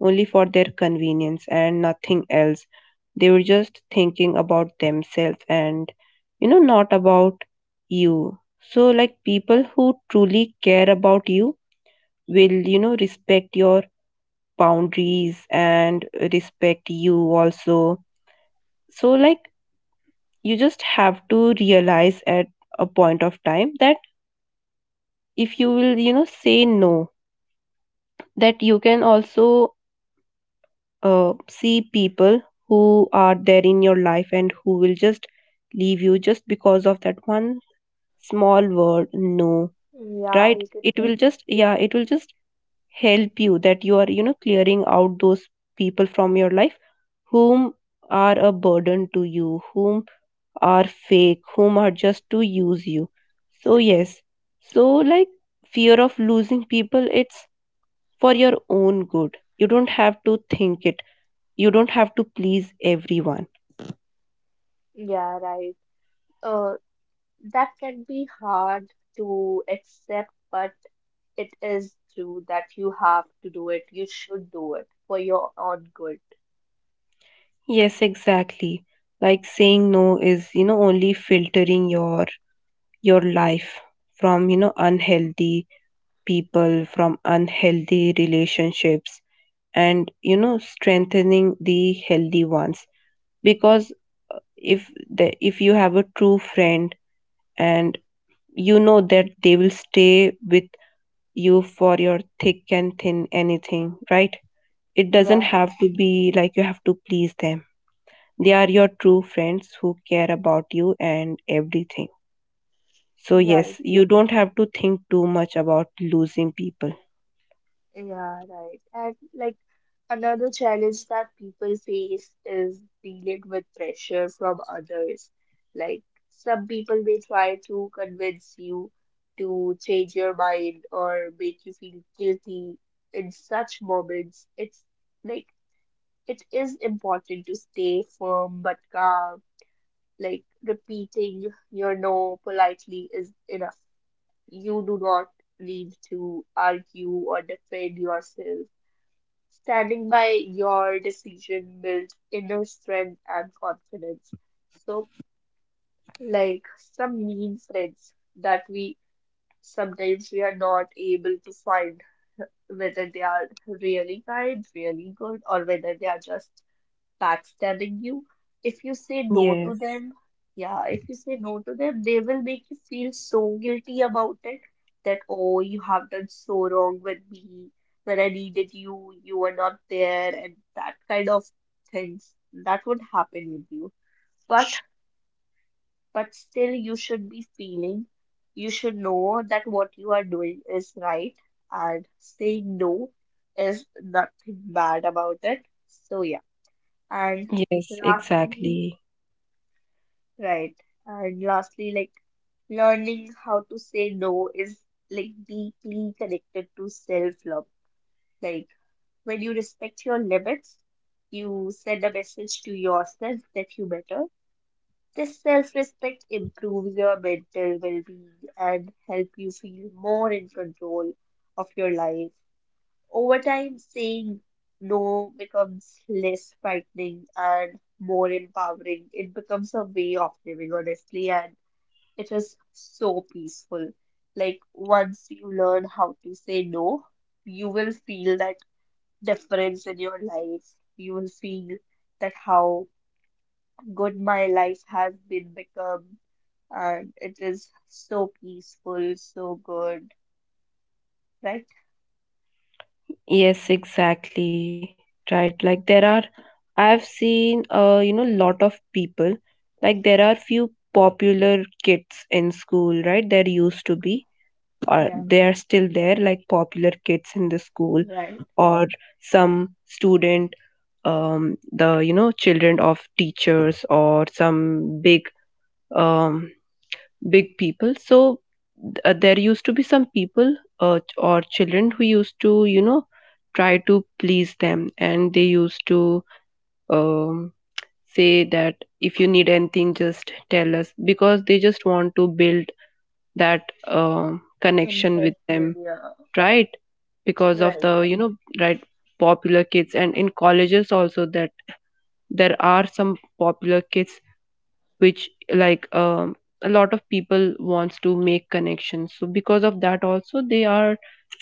Speaker 2: only for their convenience and nothing else. They were just thinking about themselves and, you know, not about you. So, like, people who truly care about you will, you know, respect your boundaries and respect you also. So, like, you just have to realize at a point of time that if you will, you know, say no, that you can also, see people who are there in your life and who will just leave you just because of that one small word no.
Speaker 1: Yeah,
Speaker 2: Right,
Speaker 1: you can
Speaker 2: it
Speaker 1: say
Speaker 2: will just, yeah,
Speaker 1: that.
Speaker 2: it will just help you that you are, you know, clearing out those people from your life whom are a burden to you, whom are fake, whom are just to use you. So yes. So, like, fear of losing people, it's for your own good. You don't have to think it. You don't have to please everyone.
Speaker 1: Right. Yeah, right. Uh, that can be hard to accept, but it is true that you have to do it. You should do it for your own good.
Speaker 2: Yes, exactly. Like, saying no is, you know, only filtering your life from, you know, unhealthy people, from unhealthy relationships, and, you know, strengthening the healthy ones. Because if the if you have a true friend, and you know that they will stay with you for your thick and thin anything, right? It doesn't
Speaker 1: Right.
Speaker 2: have to be like you have to please them. They are your true friends who care about you and everything. So,
Speaker 1: Right.
Speaker 2: yes, you don't have to think too much about losing people.
Speaker 1: Yeah, right. And like another challenge that people face is dealing with pressure from others. Like some people may try to convince you to change your mind or make you feel guilty. In such moments, it's like it is important to stay firm but calm. Like repeating your no politely is enough. You do not need to argue or defend yourself. Standing by your decision builds inner strength and confidence. So, like some mean friends that we sometimes we are not able to find whether they are really kind, really good, or whether they are just backstabbing you. If you say no to
Speaker 2: Yes,
Speaker 1: them, yeah, if you say no to them, they will make you feel so guilty about it that, oh, you have done so wrong with me. When I needed you, you were not there, and that kind of things that would happen with you. But but still, you should be feeling, you should know that what you are doing is right, and saying no is nothing bad about it. So yeah, and
Speaker 2: yes,
Speaker 1: lastly.
Speaker 2: exactly.
Speaker 1: Right. And lastly, like learning how to say no is like deeply connected to self-love. Like when you respect your limits, you send a message to yourself that you matter. This self-respect improves your mental well-being and help you feel more in control of your life. Over time, saying no becomes less frightening and more empowering. It becomes a way of living, honestly, and it is so peaceful. Like once you learn how to say no, you will feel that difference in your life. You will feel that how good my life has been become, and it is so peaceful, so good, right?
Speaker 2: Yes, exactly. Right. Like, there are, I've seen, you know, lot of people. Like, there are few popular kids in school, right? There used to be, or
Speaker 1: Yeah,
Speaker 2: they are still there, like popular kids in the school,
Speaker 1: right.
Speaker 2: or some student, the, you know, children of teachers or some big, um, big people. So, there used to be some people, or children who used to, you know, try to please them, and they used to, um, say that if you need anything just tell us, because they just want to build that, um, connection with
Speaker 1: Interested,
Speaker 2: them.
Speaker 1: yeah.
Speaker 2: Right. Because of
Speaker 1: Right,
Speaker 2: the, you
Speaker 1: right.
Speaker 2: know, right, popular kids. And in colleges also there are some popular kits which, like, a lot of people wants to make connections, so because of that also they are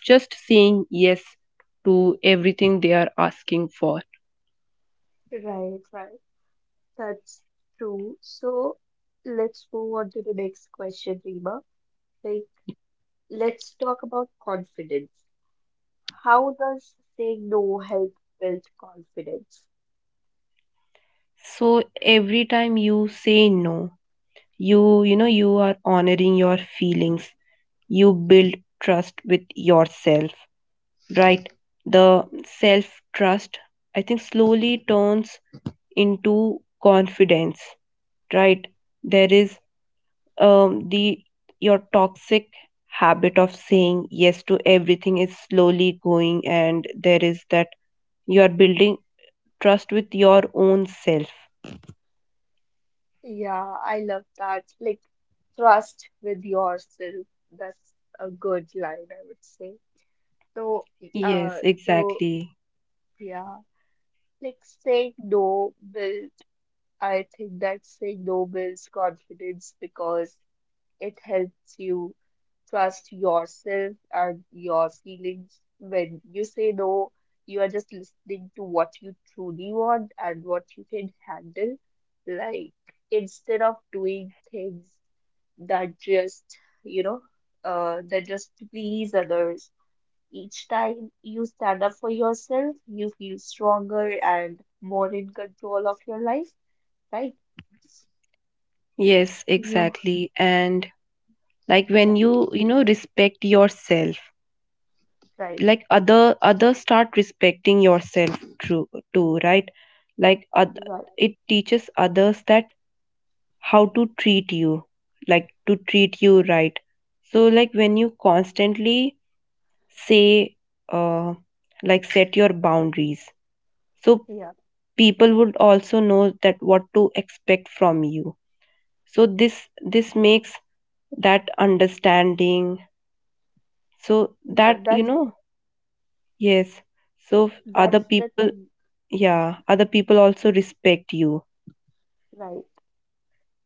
Speaker 2: just saying yes to everything they are asking for.
Speaker 1: Right, right. That's true. So let's move on to the next question, Rima. Like, let's talk about confidence. How does saying no help build confidence?
Speaker 2: So every time you say no, you, you know, you are honoring your feelings, you build trust with yourself, right? The self trust, I think, slowly turns into confidence, right? There is, the your toxic habit of saying yes to everything is slowly going, and there is that you are building trust with your own self.
Speaker 1: Yeah, I love that. Like trust with yourself. That's a good line, I would say. So,
Speaker 2: Yes,
Speaker 1: uh, so
Speaker 2: exactly.
Speaker 1: yeah, like saying no build. I think that saying no builds confidence because it helps you trust yourself and your feelings. When you say no, you are just listening to what you truly want and what you can handle. Like, instead of doing things that just, you know, that just please others. Each time you stand up for yourself, you feel stronger and more in control of your life, right?
Speaker 2: Yes,
Speaker 1: You,
Speaker 2: exactly. And like when
Speaker 1: yeah,
Speaker 2: you know, respect yourself,
Speaker 1: right,
Speaker 2: like others start respecting yourself too. Too, right? like oth-
Speaker 1: right,
Speaker 2: it teaches others that how to treat you, like to treat you right. So, like, when you constantly say, uh, like set your boundaries, so
Speaker 1: yeah.
Speaker 2: people would also know that what to expect from you. So this makes that understanding, so
Speaker 1: Yeah,
Speaker 2: that, you
Speaker 1: that's
Speaker 2: know, yes. So other
Speaker 1: that's the
Speaker 2: people,
Speaker 1: thing,
Speaker 2: yeah, other people also respect you.
Speaker 1: right?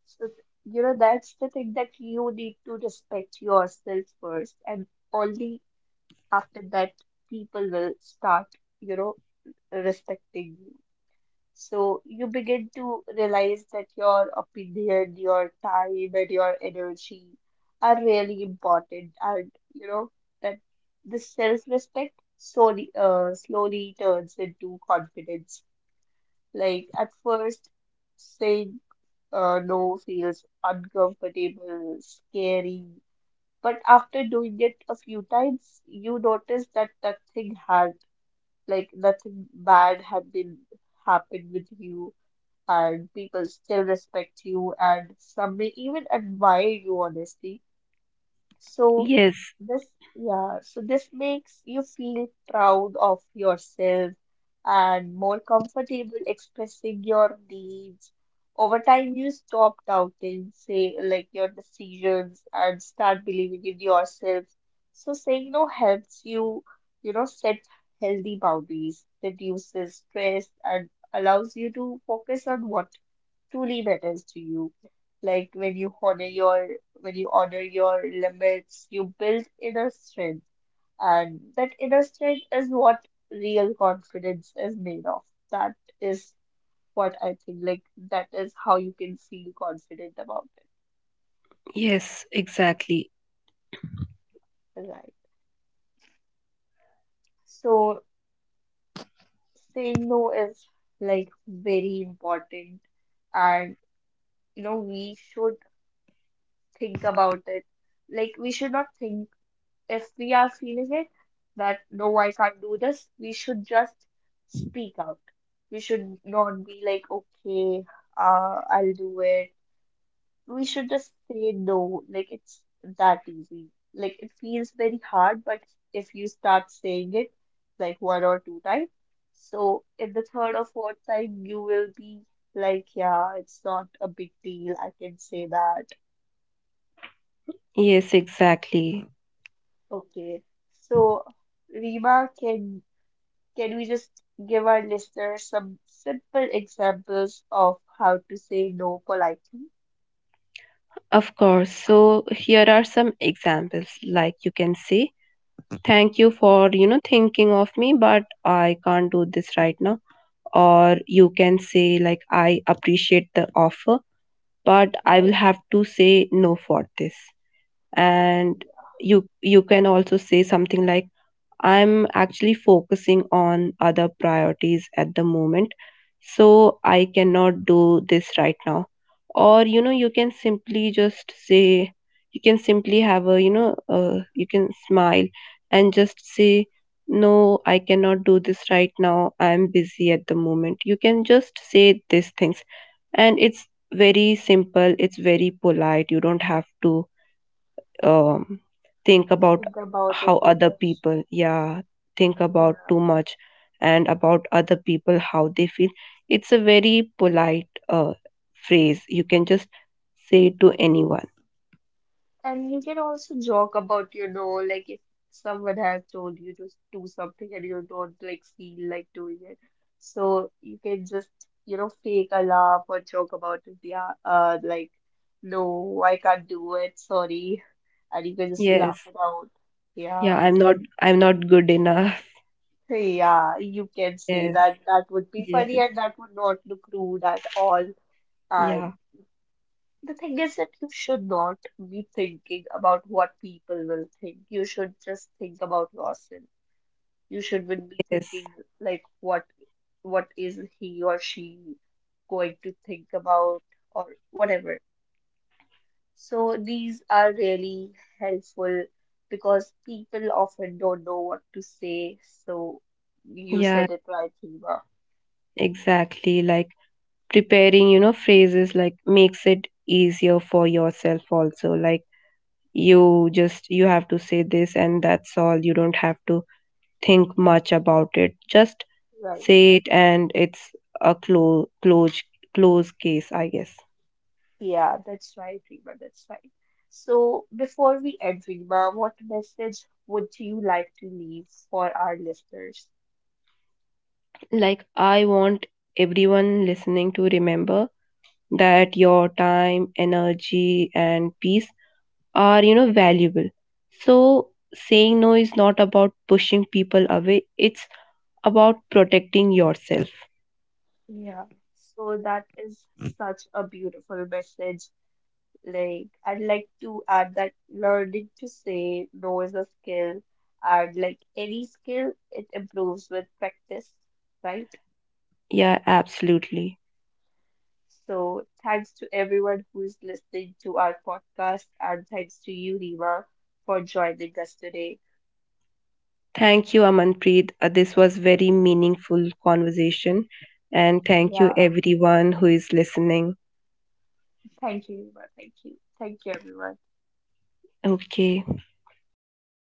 Speaker 1: So, you know, that's the thing that you need to respect yourself first, and only after that people will start, you know, respecting you. So you begin to realize that your opinion, your time, and your energy are really important, and you know that the self-respect slowly turns into confidence. Like at first, saying no feels uncomfortable, scary, but after doing it a few times, you notice that nothing had, like nothing bad had been happened with you, and people still respect you, and some may even admire you, honestly. So
Speaker 2: Yes.
Speaker 1: this, yeah, so this makes you feel proud of yourself and more comfortable expressing your needs. Over time, you stop doubting, say, like your decisions and start believing in yourself. So saying no helps you, you know, set healthy boundaries, reduces stress, and allows you to focus on what truly matters to you. Like when you honor your limits, you build inner strength, and that inner strength is what real confidence is made of. That is what I think. Like that is how you can feel confident about
Speaker 2: Yes, exactly.
Speaker 1: it, right? So saying no is like very important, and you know we should think about it. Like we should not think if we are feeling it that no, I can't do this, we should just speak out. We should not be like, okay, I'll do it. We should just say no. Like it's that easy. Like it feels very hard, but if you start saying it like one or two times, so in the third or fourth time, you will be like, yeah, it's not a big deal. I can say that.
Speaker 2: Yes, exactly.
Speaker 1: Okay. So Rima, can we just give our listeners some simple examples of how to say no politely?
Speaker 2: Of course. So here are some examples. Like, you can say, thank you
Speaker 1: Yeah,
Speaker 2: for, you know, thinking of me, but I can't do this right now. Or you can say, like, I appreciate the offer, but I will
Speaker 1: right.
Speaker 2: have to say no for this. And you can also say something like, I'm actually focusing on other priorities at the moment, so I cannot do this right now. Or, you know, you can simply just say, you can simply have a, you know, you can smile and just say, no, I cannot do this right now. I'm busy at the moment. You can just say these things, and it's very simple, it's very polite. You don't have to, um, think about
Speaker 1: Think about
Speaker 2: how
Speaker 1: it too
Speaker 2: other
Speaker 1: much.
Speaker 2: people, yeah, think about
Speaker 1: Yeah.
Speaker 2: too much, and about other people how they feel. It's a very polite, phrase. You can just say it to anyone.
Speaker 1: And you can also joke about you know, like if someone has told you to do something and you don't like feel like doing it. So you can just, you know, fake a laugh or joke about it. Yeah, like, no, I can't do it, sorry. And you can just
Speaker 2: Yes.
Speaker 1: laugh it out.
Speaker 2: Yeah,
Speaker 1: Yeah.
Speaker 2: I'm not good enough.
Speaker 1: Yeah, you can
Speaker 2: [laughs]
Speaker 1: say
Speaker 2: Yes.
Speaker 1: that. That would be funny
Speaker 2: Yes.
Speaker 1: and that would not look rude at all. And
Speaker 2: Yeah.
Speaker 1: the thing is that you should not be thinking about what people will think. You should just think about yourself. You shouldn't be
Speaker 2: Yes.
Speaker 1: thinking like what is he or she going to think about or whatever. So these are really helpful because people often don't know what to say. So you
Speaker 2: Yeah,
Speaker 1: said it right, Hiba,
Speaker 2: exactly. Like, preparing, you know, phrases like makes it easier for yourself also. Like, you just you have to say this, and that's all. You don't have to think much about it, just
Speaker 1: right?
Speaker 2: say it. And it's a close case, I guess.
Speaker 1: Yeah, that's right, Rima, that's right. So, before we end, Rima, what message would you like to leave for our listeners?
Speaker 2: Like, I want everyone listening to remember that your time, energy and peace are, you know, valuable. So saying no is not about pushing people away, it's about protecting yourself.
Speaker 1: Yeah. So, that is such a beautiful message. Like, I'd like to add that learning to say no is a skill, and like any skill, it improves with practice, right?
Speaker 2: Yeah, absolutely.
Speaker 1: So, thanks to everyone who is listening to our podcast, and thanks to you, Rima, for joining us today.
Speaker 2: Thank you, Amanpreet. This was very meaningful conversation, and thank you
Speaker 1: Yeah,
Speaker 2: everyone who is listening.
Speaker 1: thank you, Yuva. Thank you. Thank you, everyone.
Speaker 2: Okay.